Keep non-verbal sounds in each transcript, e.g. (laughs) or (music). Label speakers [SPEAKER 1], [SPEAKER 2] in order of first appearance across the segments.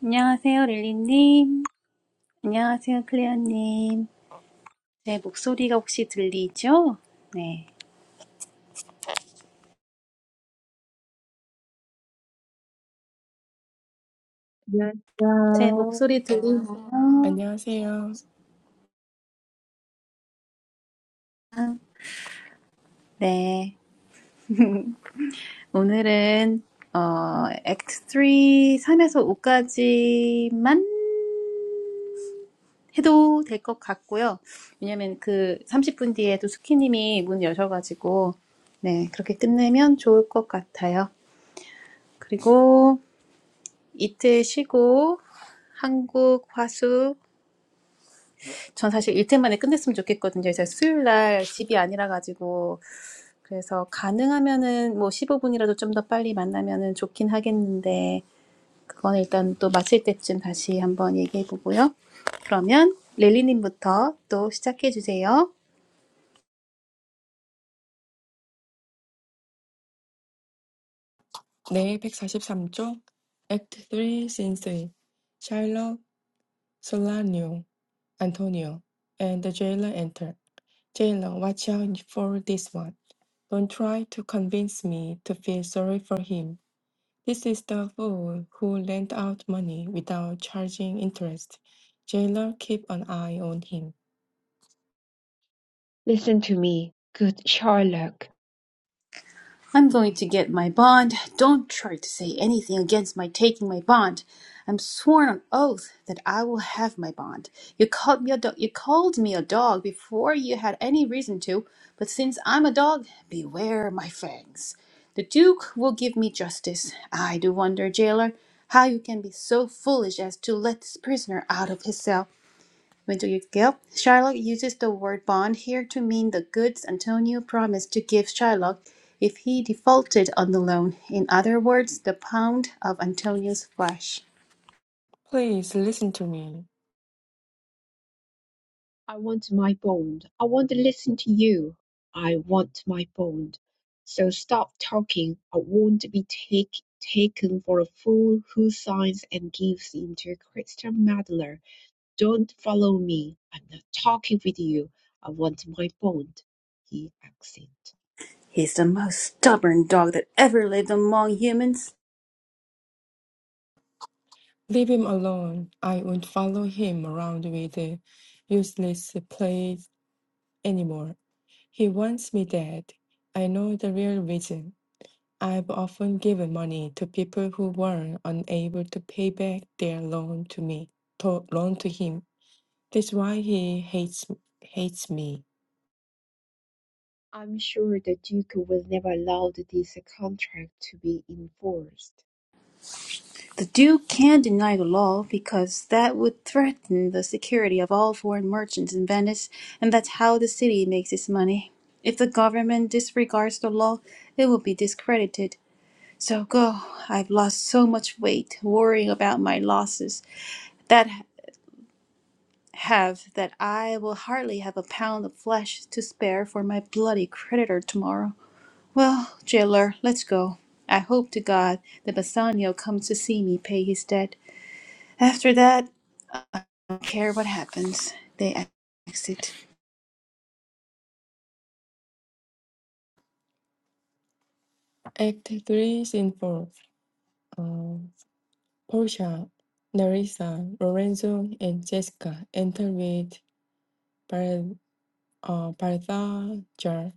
[SPEAKER 1] 안녕하세요, 릴리님. 안녕하세요, 클레어님. 제 목소리가 혹시 들리죠? 네.
[SPEAKER 2] Yes,
[SPEAKER 1] 제
[SPEAKER 2] sir.
[SPEAKER 1] 목소리 들리나요?
[SPEAKER 3] 안녕하세요.
[SPEAKER 1] 네. 오늘은, 어, 액트 3, 3에서 5까지만 해도 될 것 같고요. 왜냐면 그 30분 뒤에 또 수키님이 문 여셔가지고, 네. 그렇게 끝내면 좋을 것 같아요. 그리고 이틀 쉬고, 한국 화수 전 사실 일템만에 끝냈으면 좋겠거든요. 제가 수요일 날 집이 아니라 가지고 그래서 가능하면은 뭐 15분이라도 좀 더 빨리 만나면은 좋긴 하겠는데 그건 일단 또 마칠 때쯤 다시 한번 얘기해 보고요. 그러면 렐리님부터 또 시작해 주세요.
[SPEAKER 3] 네, 백사십삼 쪽. Act 3, Scene 3 Shiloh, Solanio, Antonio, and the jailer enter. Jailer, watch out for this one. Don't try to convince me to feel sorry for him. This is the fool who lent out money without charging interest. Jailer, keep an eye on him.
[SPEAKER 2] Listen to me, good Sherlock.
[SPEAKER 1] I'm going to get my bond. Don't try to say anything against my taking my bond. I'm sworn on oath that I will have my bond. You called me a dog. You called me a dog before you had any reason to, but since I'm a dog, beware my fangs. The Duke will give me justice. I do wonder, jailer, how you can be so foolish as to let this prisoner out of his cell. Yep. Shylock uses the word bond here to mean the goods Antonio promised to give Shylock if he defaulted on the loan. In other words, the pound of Antonio's flesh.
[SPEAKER 3] Please listen to me.
[SPEAKER 2] I want my bond. I want to listen to you. I want my bond. So stop talking. I want to be take, taken for a fool who signs and gives into a Christian meddler. Don't follow me. I'm not talking with you. I want my bond. He exit.
[SPEAKER 1] He's the most stubborn dog that ever lived among humans.
[SPEAKER 3] Leave him alone. I won't follow him around with uh, useless play anymore. He wants me dead. I know the real reason. I've often given money to people who were unable to pay back their loan to me, to loan to him. That's why he hates hates me.
[SPEAKER 2] I'm sure the Duke will never allow this contract to be enforced.
[SPEAKER 1] The Duke can't deny the law because that would threaten the security of all foreign merchants in Venice, and that's how the city makes its money. If the government disregards the law, it will be discredited So go. I've lost so much weight worrying about my losses that have that I will hardly have a pound of flesh to spare for my bloody creditor tomorrow. Well, jailer, let's go. I hope to God that Bassanio comes to see me pay his debt. After that, I don't care what happens. They exit.
[SPEAKER 3] Act three, scene four. Uh, Portia, Narissa, Lorenzo, and Jessica enter with Bar- uh, Balthazar,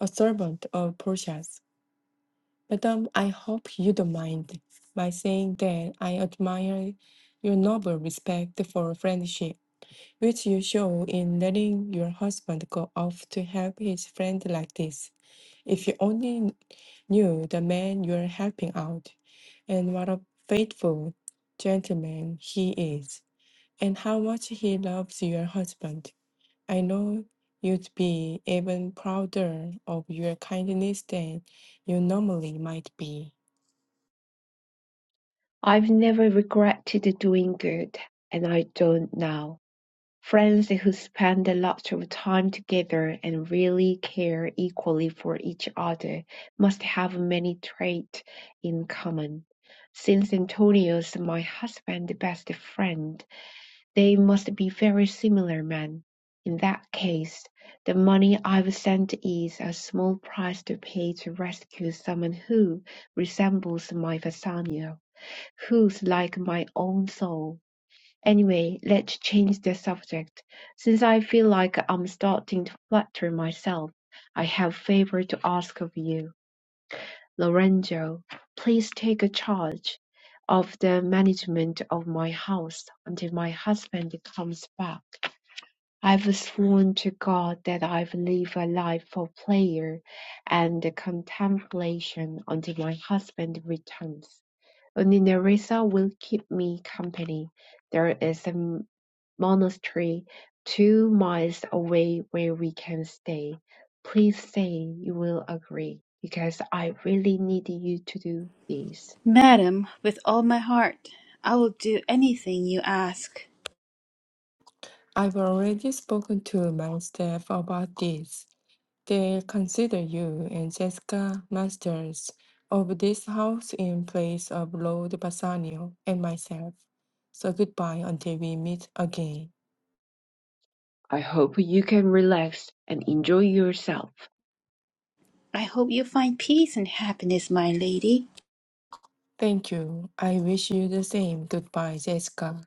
[SPEAKER 3] a servant of Portia's. Madam, I hope you don't mind by saying that I admire your noble respect for friendship, which you show in letting your husband go off to help his friend like this. If you only knew the man you're helping out, and what a faithful gentleman he is, and how much he loves your husband, I know you'd be even prouder of your kindness than you normally might be.
[SPEAKER 2] I've never regretted doing good, and I don't now. Friends who spend a lot of time together and really care equally for each other must have many traits in common. Since Antonio's my husband's best friend, they must be very similar men. In that case, the money I've sent is a small price to pay to rescue someone who resembles my Bassanio. Who's like my own soul. Anyway, let's change the subject. Since I feel like I'm starting to flatter myself, I have a favor to ask of you. Lorenzo, please take charge of the management of my house until my husband comes back. I've sworn to God that I've lived a life of prayer and contemplation until my husband returns. Only Nerissa will keep me company. There is a monastery two miles away where we can stay. Please say you will agree, because I really need you to do this.
[SPEAKER 1] Madam, with all my heart, I will do anything you ask.
[SPEAKER 3] I've already spoken to my staff about this. they consider you and Jessica masters of this house in place of Lord Bassanio and myself. So goodbye until we meet again.
[SPEAKER 2] I hope you can relax and enjoy yourself.
[SPEAKER 1] I hope you find peace and happiness, my lady.
[SPEAKER 3] Thank you. I wish you the same goodbye, Jessica.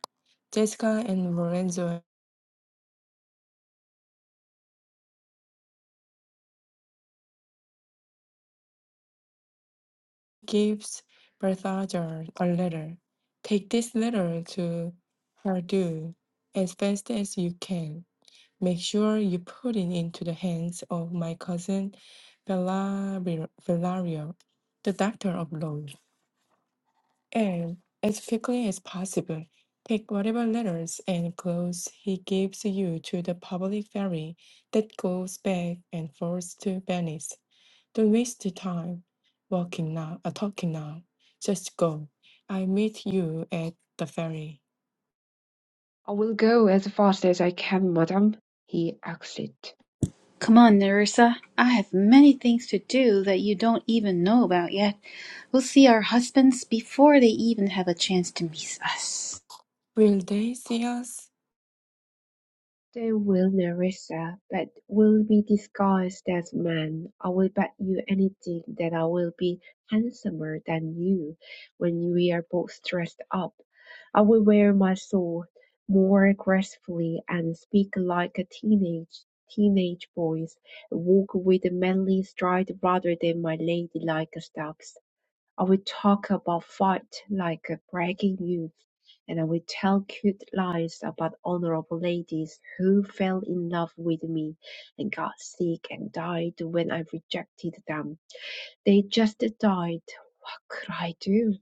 [SPEAKER 3] Jessica and Lorenzo gives Berthager a letter. Take this letter to her as fast as you can. Make sure you put it into the hands of my cousin Valerio, Valerio, the doctor of law, and as quickly as possible, take whatever letters and clothes he gives you to the public ferry that goes back and forth to Venice. Don't waste the time walking now, uh, talking now. Just go. I meet you at the ferry.
[SPEAKER 2] I will go as fast as I can, madam. He exit.
[SPEAKER 1] Come on, Nerissa. I have many things to do that you don't even know about yet. We'll see our husbands before they even have a chance to meet us.
[SPEAKER 3] Will they see us?
[SPEAKER 2] They will Nerissa, but will be disguised as men. I will bet you anything that I will be handsomer than you when we are both dressed up. I will wear my sword more gracefully and speak like a teenage teenage boys, walk with a manly stride rather than my ladylike steps. I will talk about fight like a bragging youth, and I will tell cute lies about honorable ladies who fell in love with me and got sick and died when I rejected them. They just died. What could I do?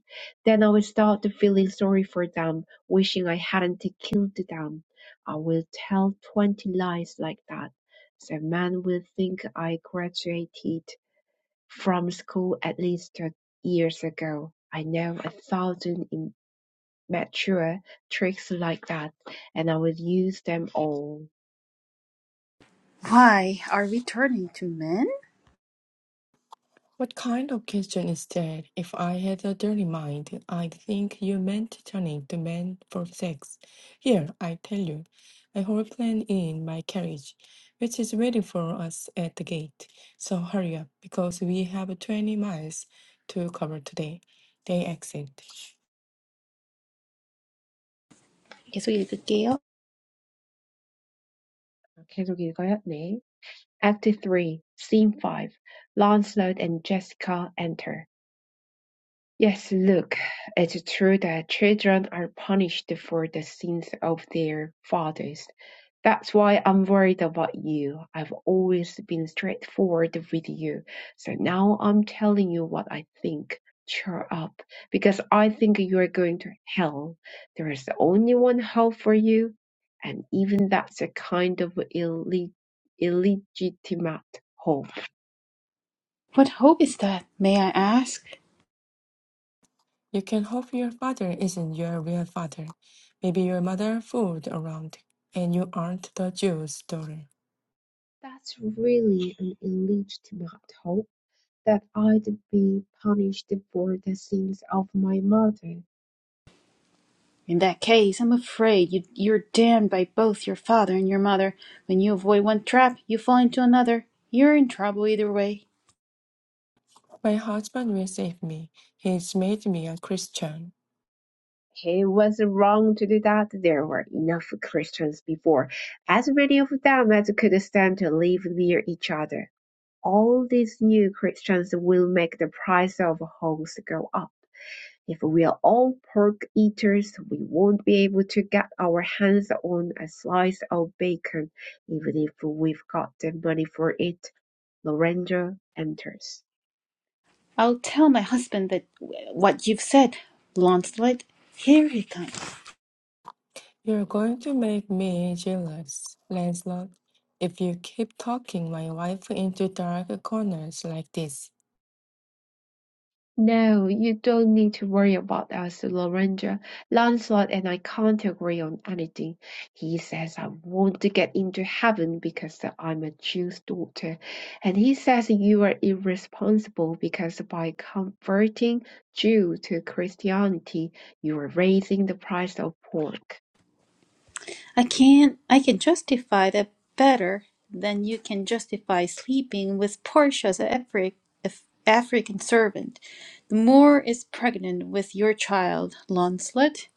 [SPEAKER 2] Then I will start feeling sorry for them, wishing I hadn't killed them. I will tell twenty lies like that. The man will think I graduated from school at least thirty years ago. I know a thousand immature tricks like that, and I would use them all.
[SPEAKER 1] Why are we turning to men?
[SPEAKER 3] What kind of question is that? If I had a dirty mind, I'd think you meant turning the man for sex. Here, I tell you, I whole plan in my carriage, which is waiting for us at the gate. So hurry up, because we have 20 miles to cover today. They exit.
[SPEAKER 1] 계속 읽을게요.
[SPEAKER 2] 계속 읽어요. 네. Act 3, Scene 5. Lancelot and Jessica enter. Yes, look, it's true that children are punished for the sins of their fathers. That's why I'm worried about you. I've always been straightforward with you. So now I'm telling you what I think. Cheer up, because I think you are going to hell. There is only one hope for you, and even that's a kind of illeg- illegitimate hope.
[SPEAKER 1] What hope is that, may I ask?
[SPEAKER 3] You can hope your father isn't your real father. Maybe your mother fooled around, and you aren't the Jew's daughter.
[SPEAKER 2] That's really an illegitimate hope that I'd be punished for the sins of my mother.
[SPEAKER 1] In that case, I'm afraid you, you're damned by both your father and your mother. When you avoid one trap, you fall into another. You're in trouble either way.
[SPEAKER 3] My husband will save me. He's made me a Christian.
[SPEAKER 2] He was wrong to do that. There were enough Christians before, as many of them as could stand to live near each other. All these new Christians will make the price of hogs go up. If we're all pork eaters, we won't be able to get our hands on a slice of bacon, even if we've got the money for it. Lorenzo enters.
[SPEAKER 1] I'll tell my husband that what you've said, Launcelot. Here he comes.
[SPEAKER 3] You're going to make me jealous, Lancelot, if you keep talking my wife into dark corners like this.
[SPEAKER 2] No, you don't need to worry about us, Lorenzo. Lancelot and I can't agree on anything. He says I want to get into heaven because I'm a Jew's daughter, and he says you are irresponsible because by converting Jew to Christianity, you are raising the price of pork.
[SPEAKER 1] I can I can justify that better than you can justify sleeping with Portia's Afri- Af- African servant. The Moor is pregnant with your child, Launcelot.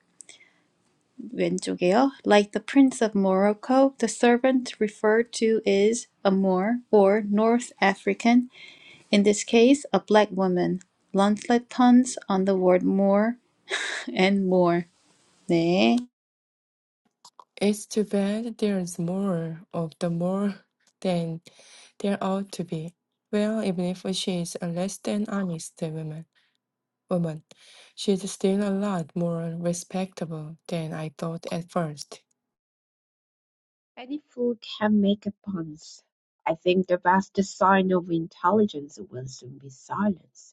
[SPEAKER 1] 왼쪽이요. Like the Prince of Morocco, the servant referred to is a Moor or North African, in this case, a black woman. Launcelot puns on the word Moor (laughs) and more.
[SPEAKER 3] It's too bad there's more of the more than there ought to be. Well, even if she is a less than honest woman, woman, she's still a lot more respectable than I thought at first.
[SPEAKER 2] Any fool can make a puns. I think the best sign of intelligence will soon be silence.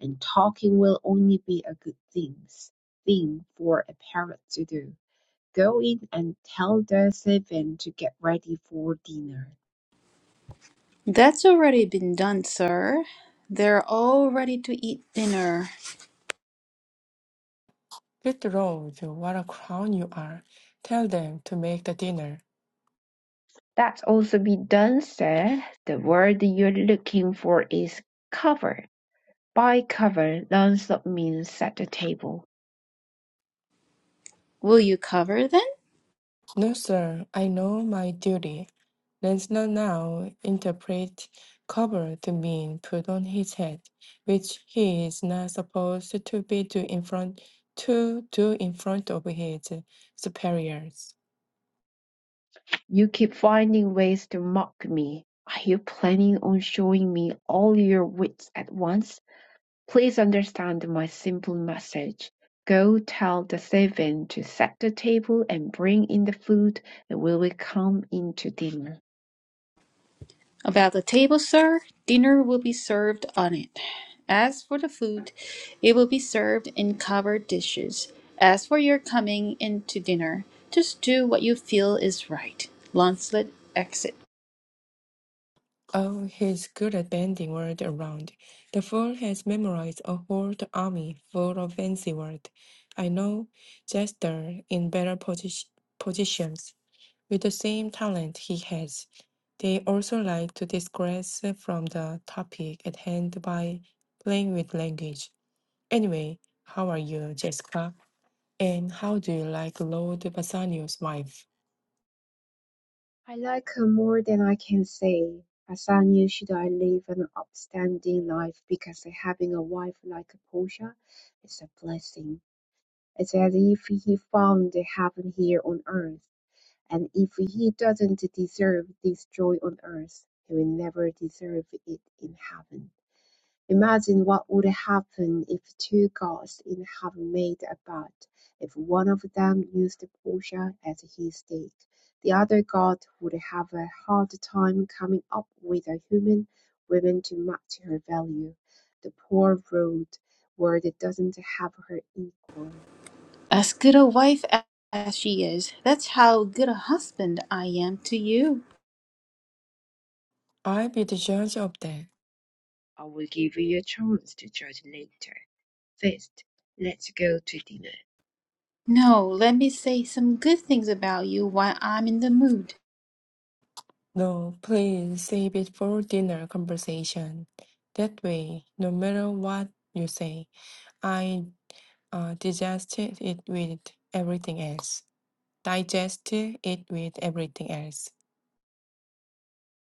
[SPEAKER 2] and talking will only be a good things thing for a parrot to do. Go in and tell the servant to get ready for dinner.
[SPEAKER 1] That's already been done, sir. They're all ready to eat dinner.
[SPEAKER 3] Good Lord, what a clown you are. Tell them to make the dinner.
[SPEAKER 2] That's also be done, sir. The word you're looking for is cover. By cover, Launcelot means set the table.
[SPEAKER 1] Will you cover then?
[SPEAKER 3] No, sir, I know my duty. let now interpret cover to mean put on his head, which he is not supposed to be do in front to do in front of his superiors.
[SPEAKER 2] You keep finding ways to mock me. Are you planning on showing me all your wits at once? Please understand my simple message. Go tell the servant to set the table and bring in the food, and we will come in to dinner.
[SPEAKER 1] About the table, sir, dinner will be served on it. As for the food, it will be served in covered dishes. As for your coming in to dinner, just do what you feel is right. Launcelot exit.
[SPEAKER 3] Oh, he's good at bending words around. The fool has memorized a whole army full of fancy words. I know Jester in better posi- positions. With the same talent he has, they also like to digress from the topic at hand by playing with language. Anyway, how are you, Jessica? And how do you like Lord Bassanio's wife?
[SPEAKER 2] I like her more than I can say. As I knew should I live an upstanding life because having a wife like Portia is a blessing. It's as if he found the heaven here on earth, and if he doesn't deserve this joy on earth, he will never deserve it in heaven. Imagine what would happen if two gods in heaven made a bet. If one of them used Portia as his stake, the other god would have a hard time coming up with a human woman to match her value. The poor road world doesn't have her equal.
[SPEAKER 1] As good a wife a- as she is, that's how good a husband I am to you.
[SPEAKER 3] I'll be the judge of that.
[SPEAKER 2] I will give you a chance to judge later. First, let's go to dinner.
[SPEAKER 1] No, let me say some good things about you while I'm in the mood.
[SPEAKER 3] No, please save it for dinner conversation. That way, no matter what you say, I uh, digest it with everything else. Digest it with everything else.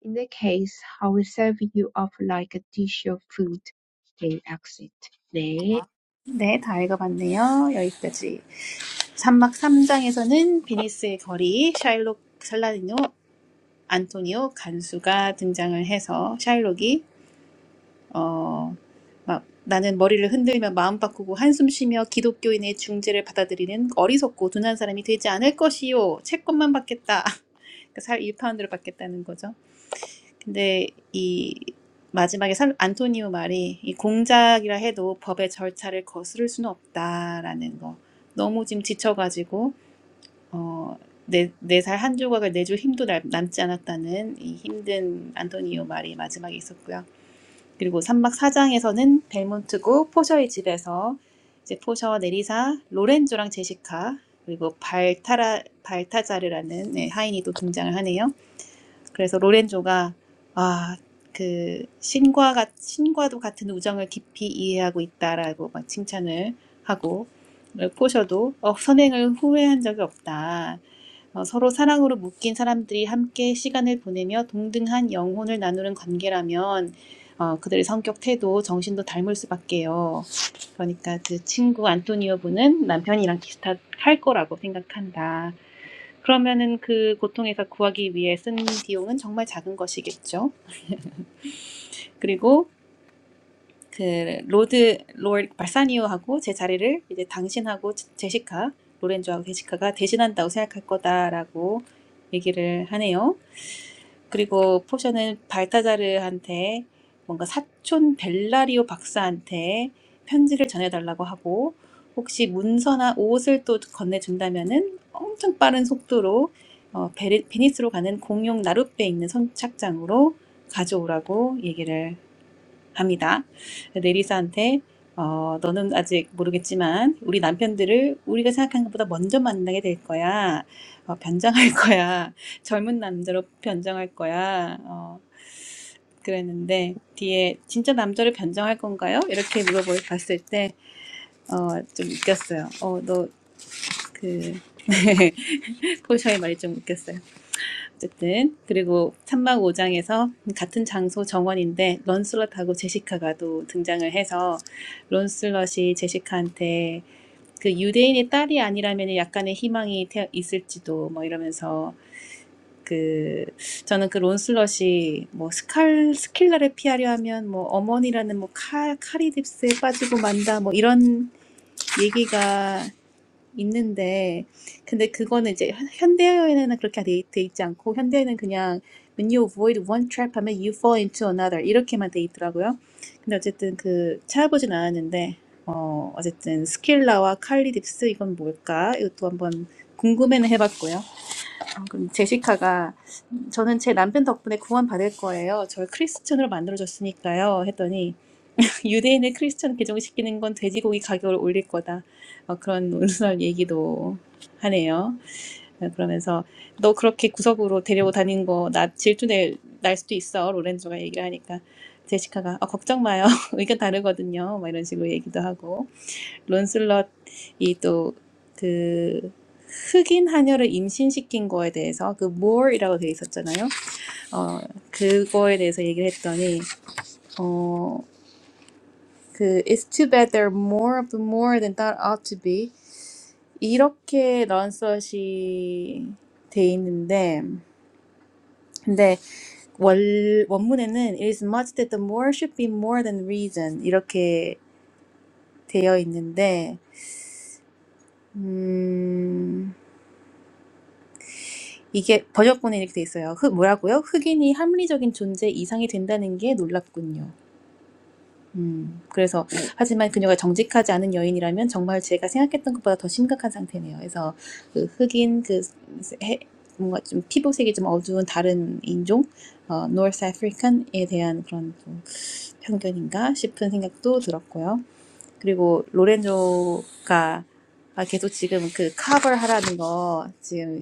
[SPEAKER 2] "In that case, I'll serve you up like a dish of food," they asked. 네,
[SPEAKER 1] 네, 다 읽어봤네요. 여기까지. 3막 3장에서는 비니스의 거리, 샤일록, 살라디노, 안토니오, 간수가 등장을 해서 샤일록이 어, 막 나는 머리를 흔들며 마음 바꾸고 한숨 쉬며 기독교인의 중재를 받아들이는 어리석고 둔한 사람이 되지 않을 것이요. 채권만 받겠다. (laughs) 살 1파운드를 받겠다는 거죠. 근데 이 마지막에 산, 안토니오 말이 이 공작이라 해도 법의 절차를 거스를 수는 없다라는 거. 너무 지금 지쳐가지고 어, 내, 내 살 한 조각을 내줄 힘도 남, 남지 않았다는 이 힘든 안토니오 말이 마지막에 있었고요. 그리고 3막 4장에서는 벨몬트고 포셔의 집에서 이제 포셔, 네리사, 로렌조랑 제시카 그리고 발타라 발타자르라는 네, 하인이 또 등장을 하네요. 그래서 로렌조가 아, 그 신과 같 신과도 같은 우정을 깊이 이해하고 있다라고 막 칭찬을 하고 포셔도 어, 선행을 후회한 적이 없다. 어, 서로 사랑으로 묶인 사람들이 함께 시간을 보내며 동등한 영혼을 나누는 관계라면 어, 그들의 성격, 태도, 정신도 닮을 수밖에요. 그러니까 그 친구 안토니오 분은 남편이랑 비슷할 거라고 생각한다. 그러면은 그 고통에서 구하기 위해 쓴 비용은 정말 작은 것이겠죠. 그리고 그 로드 롤 발사니오하고 제 자리를 이제 당신하고 제- 제시카 로렌조하고 제시카가 대신한다고 생각할 거다라고 얘기를 하네요. 그리고 포션은 발타자르한테 뭔가 사촌 벨라리오 박사한테 편지를 전해달라고 하고 혹시 문서나 옷을 또 건네준다면은 엄청 빠른 속도로 어, 베니스로 가는 공용 나룻배에 있는 선착장으로 가져오라고 얘기를 합니다. 내리사한테 어, 너는 아직 모르겠지만 우리 남편들을 우리가 생각하는 것보다 먼저 만나게 될 거야. 어, 변장할 (laughs) 거야. 젊은 남자로 변장할 거야. 어, 그랬는데 뒤에 진짜 남자를 변장할 건가요? 이렇게 물어봤을 때 어, 좀 웃겼어요. 어, 너그 (laughs) 포샤의 말이 좀 웃겼어요. 어쨌든 그리고 삼막 5장에서 같은 장소 정원인데 런슬럿하고 제시카가 또 등장을 해서 런슬럿이 제시카한테 그 유대인의 딸이 아니라면 약간의 희망이 태- 있을지도 뭐 이러면서 그 저는 그 론슬럿이 뭐 스칼 스킬라를 피하려 하면 뭐 어머니라는 뭐 칼, 카리딥스에 빠지고 만다 뭐 이런 얘기가 있는데 근데 그거는 이제 현- 현대어에는 그렇게 돼, 돼 있지 않고 현대에는 그냥 when you avoid one trap 하면 you fall into another 이렇게만 돼 있더라고요. 근데 어쨌든 그 찾아보진 않았는데 어 어쨌든 스킬라와 칼리딥스 이건 뭘까? 이것도 한번 궁금해는 해봤고요. 어, 그럼 제시카가 저는 제 남편 덕분에 구원 받을 거예요. 절 크리스천으로 만들어줬으니까요. 했더니 유대인을 크리스천 개종시키는 건 돼지고기 가격을 올릴 거다. 어, 그런 (laughs) 온순한 얘기도 하네요. 어, 그러면서 너 그렇게 구석으로 데리고 다닌 거나 질투낼 날 수도 있어. 로렌조가 얘기를 하니까 제시카가 어, 걱정 마요. (laughs) 의견 다르거든요. 막 이런 식으로 얘기도 하고 론슬럿이 또 그 흑인 하녀를 임신시킨 거에 대해서 그 more이라고 되어 있었잖아요. 어 그거에 대해서 얘기를 했더니 어, 그 It's too bad there are more of the more than that ought to be 이렇게 런서시돼 있는데 근데 월, 원문에는 It is much that the more should be more than reason 이렇게 되어 있는데 음, 이게 번역본에 이렇게 돼 있어요. 흑, 뭐라고요? 흑인이 합리적인 존재 이상이 된다는 게 놀랍군요. 음, 그래서 네. 하지만 그녀가 정직하지 않은 여인이라면 정말 제가 생각했던 것보다 더 심각한 상태네요. 그래서 그 흑인 그 해, 뭔가 좀 피부색이 좀 어두운 다른 인종 어, North African에 대한 그런 좀 편견인가 싶은 생각도 들었고요. 그리고 로렌조가 아, 계속 지금 그 커버하라는 거 지금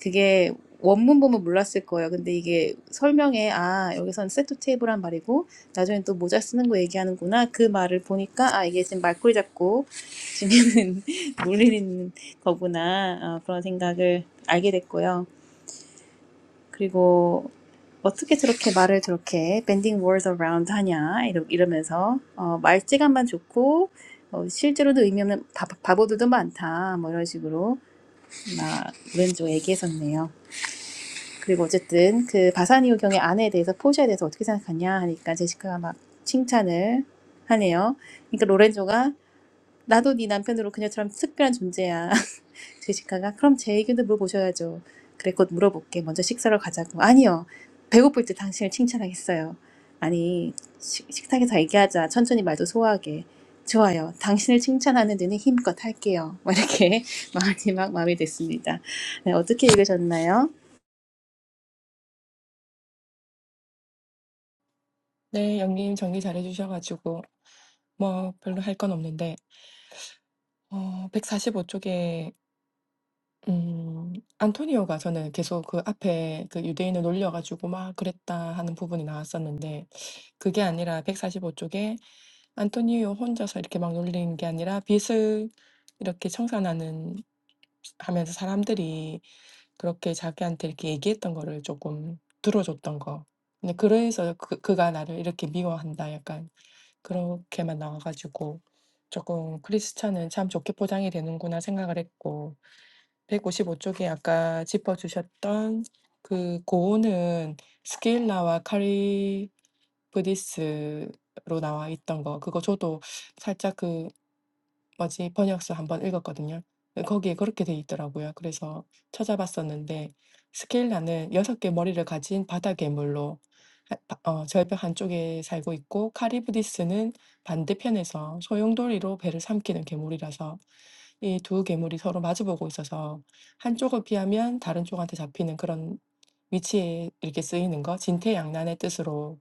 [SPEAKER 1] 그게 원문 보면 몰랐을 거예요. 근데 이게 설명에 아 여기선 세트 테이블한 말이고 나중에 또 모자 쓰는 거 얘기하는구나 그 말을 보니까 아 이게 지금 말꼬리 잡고 지금 (laughs) 놀리는 거구나 어, 그런 생각을 알게 됐고요. 그리고 어떻게 저렇게 말을 저렇게 bending words around 하냐 이러, 이러면서 어, 말재간만 좋고 어, 실제로도 의미 없는 바, 바보들도 많다 뭐 이런 식으로 막 오른쪽 얘기했었네요. 그리고 어쨌든 그 바사니오 경의 아내에 대해서 포샤에 대해서 어떻게 생각하냐 하니까 제시카가 막 칭찬을 하네요. 그러니까 로렌조가 나도 네 남편으로 그녀처럼 특별한 존재야. (laughs) 제시카가 그럼 제 의견도 물어보셔야죠. 그래 곧 물어볼게. 먼저 식사를 가자고. 아니요. 배고플 때 당신을 칭찬하겠어요. 아니 식- 식탁에서 얘기하자. 천천히 말도 소화하게. 좋아요. 당신을 칭찬하는 데는 힘껏 할게요. 뭐 이렇게 (laughs) 마음이 막 마음이 됐습니다. 네, 어떻게 읽으셨나요?
[SPEAKER 3] 네, 영님 정리 잘해주셔가지고, 뭐, 별로 할 건 없는데, 어, 145쪽에, 음, 안토니오가 저는 계속 그 앞에 그 유대인을 놀려가지고 막 그랬다 하는 부분이 나왔었는데, 그게 아니라 145쪽에 안토니오 혼자서 이렇게 막 놀리는 게 아니라 빚을 이렇게 청산하는, 하면서 사람들이 그렇게 자기한테 이렇게 얘기했던 거를 조금 들어줬던 거. 근데 그래서 그, 그가 나를 이렇게 미워한다. 약간. 그렇게만 나와가지고 조금 '크리스찬은 참 좋게 포장이 되는구나.' 생각을 했고 155 쪽에 아까 짚어 주셨던 그 고온은 스킬라와 카리브디스로 나와 있던 거 그거 저도 살짝 그 뭐지 번역서 1번 읽었거든요. 거기에 그렇게 돼 있더라고요. 그래서 찾아봤었는데 스켈라는 여섯 개 머리를 가진 바다 괴물로 하바어 절벽 한쪽에 살고 있고 카리브디스는 반대편에서 소용돌이로 배를 삼키는 괴물이라서 이 두 괴물이 서로 마주보고 있어서 한쪽을 피하면 다른 쪽한테 잡히는 그런 위치에 이렇게 쓰이는 거 진퇴양난의 뜻으로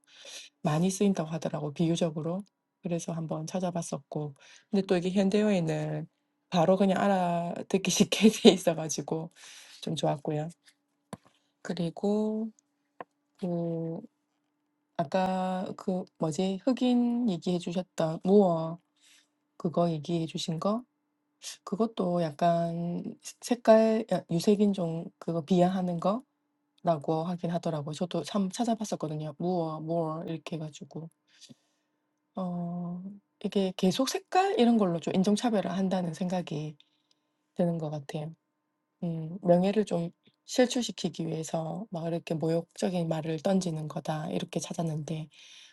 [SPEAKER 3] 많이 쓰인다고 하더라고 비유적으로. 그래서 한번 찾아봤었고 근데 또 이게 현대어에는 바로 그냥 알아듣기 쉽게 (laughs) 돼 있어가지고 좀 좋았고요. 그리고 그 아까 그 뭐지 흑인 얘기해 주셨던 무어 그거 얘기해 주신 거 그것도 약간 색깔 야, 유색인종 그거 비하하는 거라고 하긴 하더라고요. 저도 참 찾아봤었거든요. 무어, more 이렇게 해가지고 어 이게 계속 색깔 이런 걸로 좀 인종차별을 한다는 생각이 드는 것 같아요. 예, 명예를 좀 실추시키기 위해서 막 이렇게 모욕적인 말을 던지는 거다 이렇게 찾았는데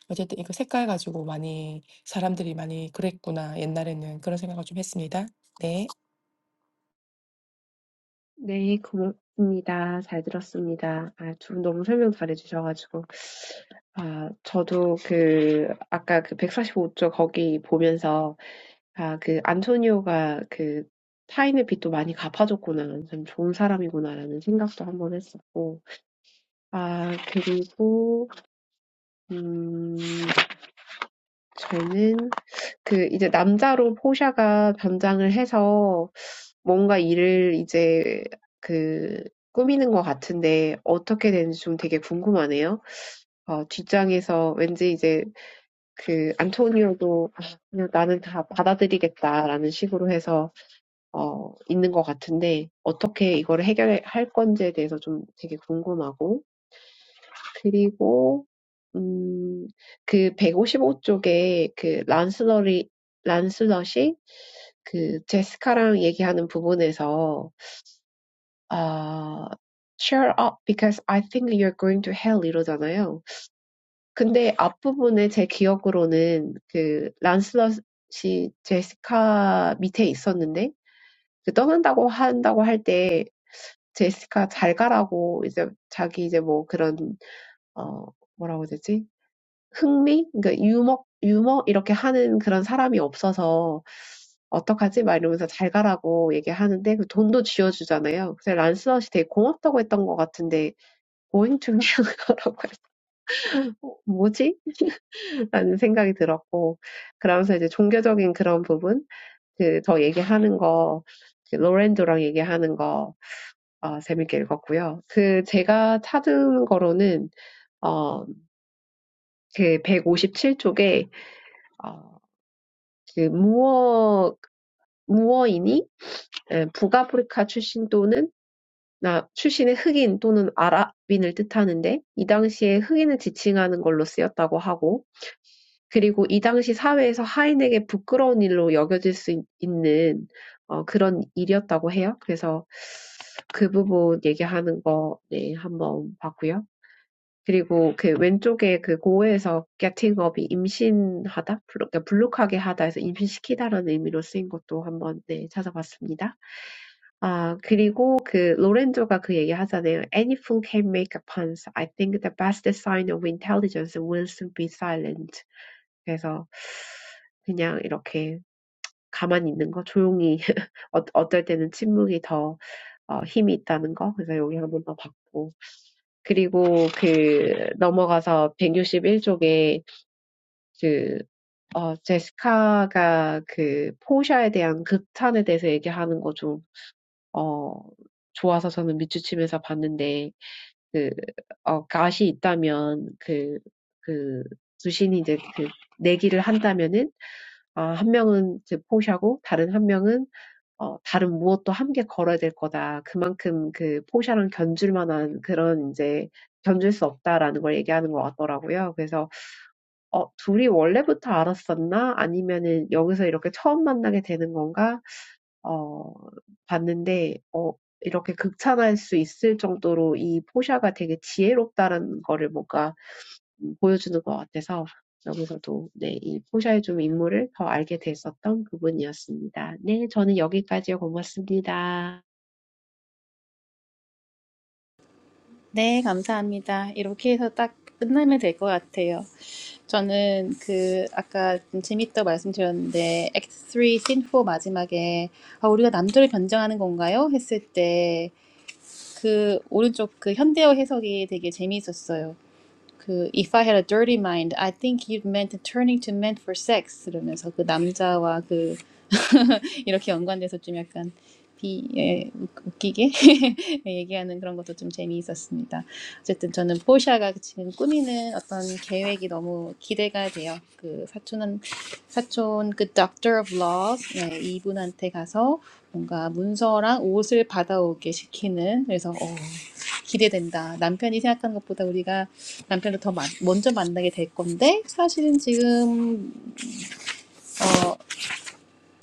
[SPEAKER 3] 어쨌든 이거 색깔 가지고 많이 사람들이 많이 그랬구나 옛날에는 그런 생각을 좀 했습니다. 네.
[SPEAKER 2] 네, 고맙습니다. 잘 들었습니다. 아, 두분 너무 설명 잘해주셔가지고. 아, 저도 그, 아까 그 145쪽 거기 보면서, 아, 그, 안토니오가 그, 타인의 빚도 많이 갚아줬구나. 참 좋은 사람이구나라는 생각도 한번 했었고. 아, 그리고, 음, 저는 그 이제 남자로 포샤가 변장을 해서 뭔가 일을 이제 그 꾸미는 것 같은데 어떻게 되는지 좀 되게 궁금하네요. 어, 뒷장에서 왠지 이제 그 안토니오도 아, 그냥 나는 다 받아들이겠다라는 식으로 해서 어, 있는 것 같은데 어떻게 이거를 해결할 건지에 대해서 좀 되게 궁금하고 그리고 음, 그 백오십오 쪽에 그 란슬러리 란슬럿이 그 제시카랑 얘기하는 부분에서 아 cheer up because I think you're going to hell 이러잖아요. 근데 앞부분에 제 기억으로는 그 란슬럿이 제시카 밑에 있었는데 그 떠난다고 한다고 할때 제시카 잘 가라고 이제 자기 이제 뭐 그런 어 뭐라고 해야 되지? 흥미? 그러니까 유머, 유머 이렇게 하는 그런 사람이 없어서 어떡하지? 막 이러면서 잘 가라고 얘기하는데 그 돈도 쥐어주잖아요. 그래서 란스넛이 되게 고맙다고 했던 것 같은데 going to New York라고 해서 (laughs) 어, 뭐지? 라는 생각이 들었고 그러면서 이제 종교적인 그런 부분 그더 얘기하는 거 그, 로렌도랑 얘기하는 거 어, 재밌게 읽었고요. 그 제가 찾은 거로는 어, 그 157쪽에 어, 그 무어 무어이니 에, 북아프리카 출신 또는 아, 출신의 흑인 또는 아랍인을 뜻하는데 이 당시에 흑인을 지칭하라고 하고 그리고 이 당시 사회에서 하인에게 부끄러운 일로 여겨질 수 있- 있는 어, 그런 일이었다고 해요. 그래서 그 부분 얘기하는 거 네, 한번 봤고요. 그리고 그 왼쪽 getting up이 임신하다 블루카로 쓰인 것도 한번 네, 찾아봤습니다. And, you know, I think that's the best sign of intelligence will soon be silence. So, just like this, just being quiet, or sometimes silence is more powerful. So, I saw that. And then, moving on to page 161, Jessica is talking about the praise for Pasha. (laughs) 어 좋아서 저는 밑주침에서 봤는데 그 어 갓이 있다면 그 그 두신이 이제 그 내기를 한다면은 아, 한 명은 이제 포샤고 다른 한 명은 어 다른 무엇도 함께 걸어야 될 거다. 그만큼 그 포샤랑 견줄 만한 그런 이제 견줄 수 없다라는 걸 얘기하는 것 같더라고요. 그래서 어 둘이 원래부터 알았었나? 아니면은 여기서 이렇게 처음 만나게 되는 건가? 어 봤는데 어 이렇게 극찬할 수 있을 정도로 이 포샤가 되게 지혜롭다는 거를 뭔가 음, 보여주는 것 같아서 여기서도 네, 이 포샤의 좀 인물을 더 알게 됐었던 부분이었습니다. 네, 저는 여기까지요. 고맙습니다.
[SPEAKER 1] 네, 감사합니다. 이렇게 해서 딱끝나면될 것 같아요. 저는 그 아까 좀 재밌다고 말씀드렸는데 X3 씬4 마지막에 아, 우리가 남들을 변증하는 건가요? 했을 때 그 오른쪽 그 현대어 해석이 되게 재미있었어요. 그 If I had a dirty mind, I think you'd meant turning to men for sex 이러면서 그 남자와 그 이렇게 연관돼서 좀 약간 비, 예, 웃- 기게 (laughs) 얘기하는 그런 것도 좀 재미있었습니다. 어쨌든 저는 포샤가 지금 꾸미는 어떤 계획이 너무 기대가 돼요. 그 사촌은 사촌 그 Doctor of Laws 네, 이분한테 가서 뭔가 문서랑 옷을 받아오게 시키는 그래서 어, 기대된다. 남편이 생각하는 것보다 우리가 남편을 더 마- 먼저 만나게 될 건데 사실은 지금 어,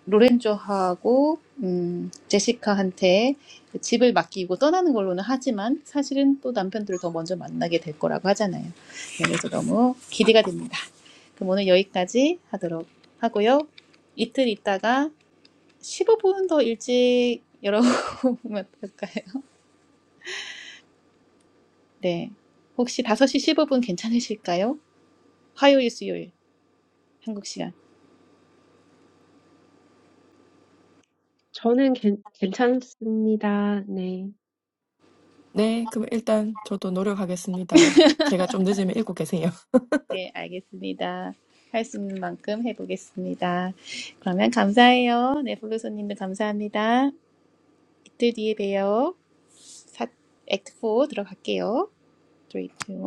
[SPEAKER 1] 로렌조하고 음, 제시카한테 집을 맡기고 떠나는 걸로는 하지만 사실은 또 남편들을 더 먼저 만나게 될 거라고 하잖아요. 네, 그래서 너무 기대가 됩니다. 그럼 오늘 여기까지 하도록 하고요. 이틀 있다가 15분 더 일찍 (laughs) 열어보면 어떨까요? 네. 혹시 5시 15분 괜찮으실까요? 화요일, 수요일, 한국 시간.
[SPEAKER 2] 저는 괜, 괜찮습니다. 네.
[SPEAKER 3] 네, 그럼 일단 저도 노력하겠습니다. 제가 좀 늦으면 읽고 계세요.
[SPEAKER 1] 네, 알겠습니다. 할 수 있는 만큼 해보겠습니다. 그러면 감사해요. 네, 블루소님도 감사합니다. 이틀 뒤에 봬요. 사, 액트 4 들어갈게요. 3, 2, 1.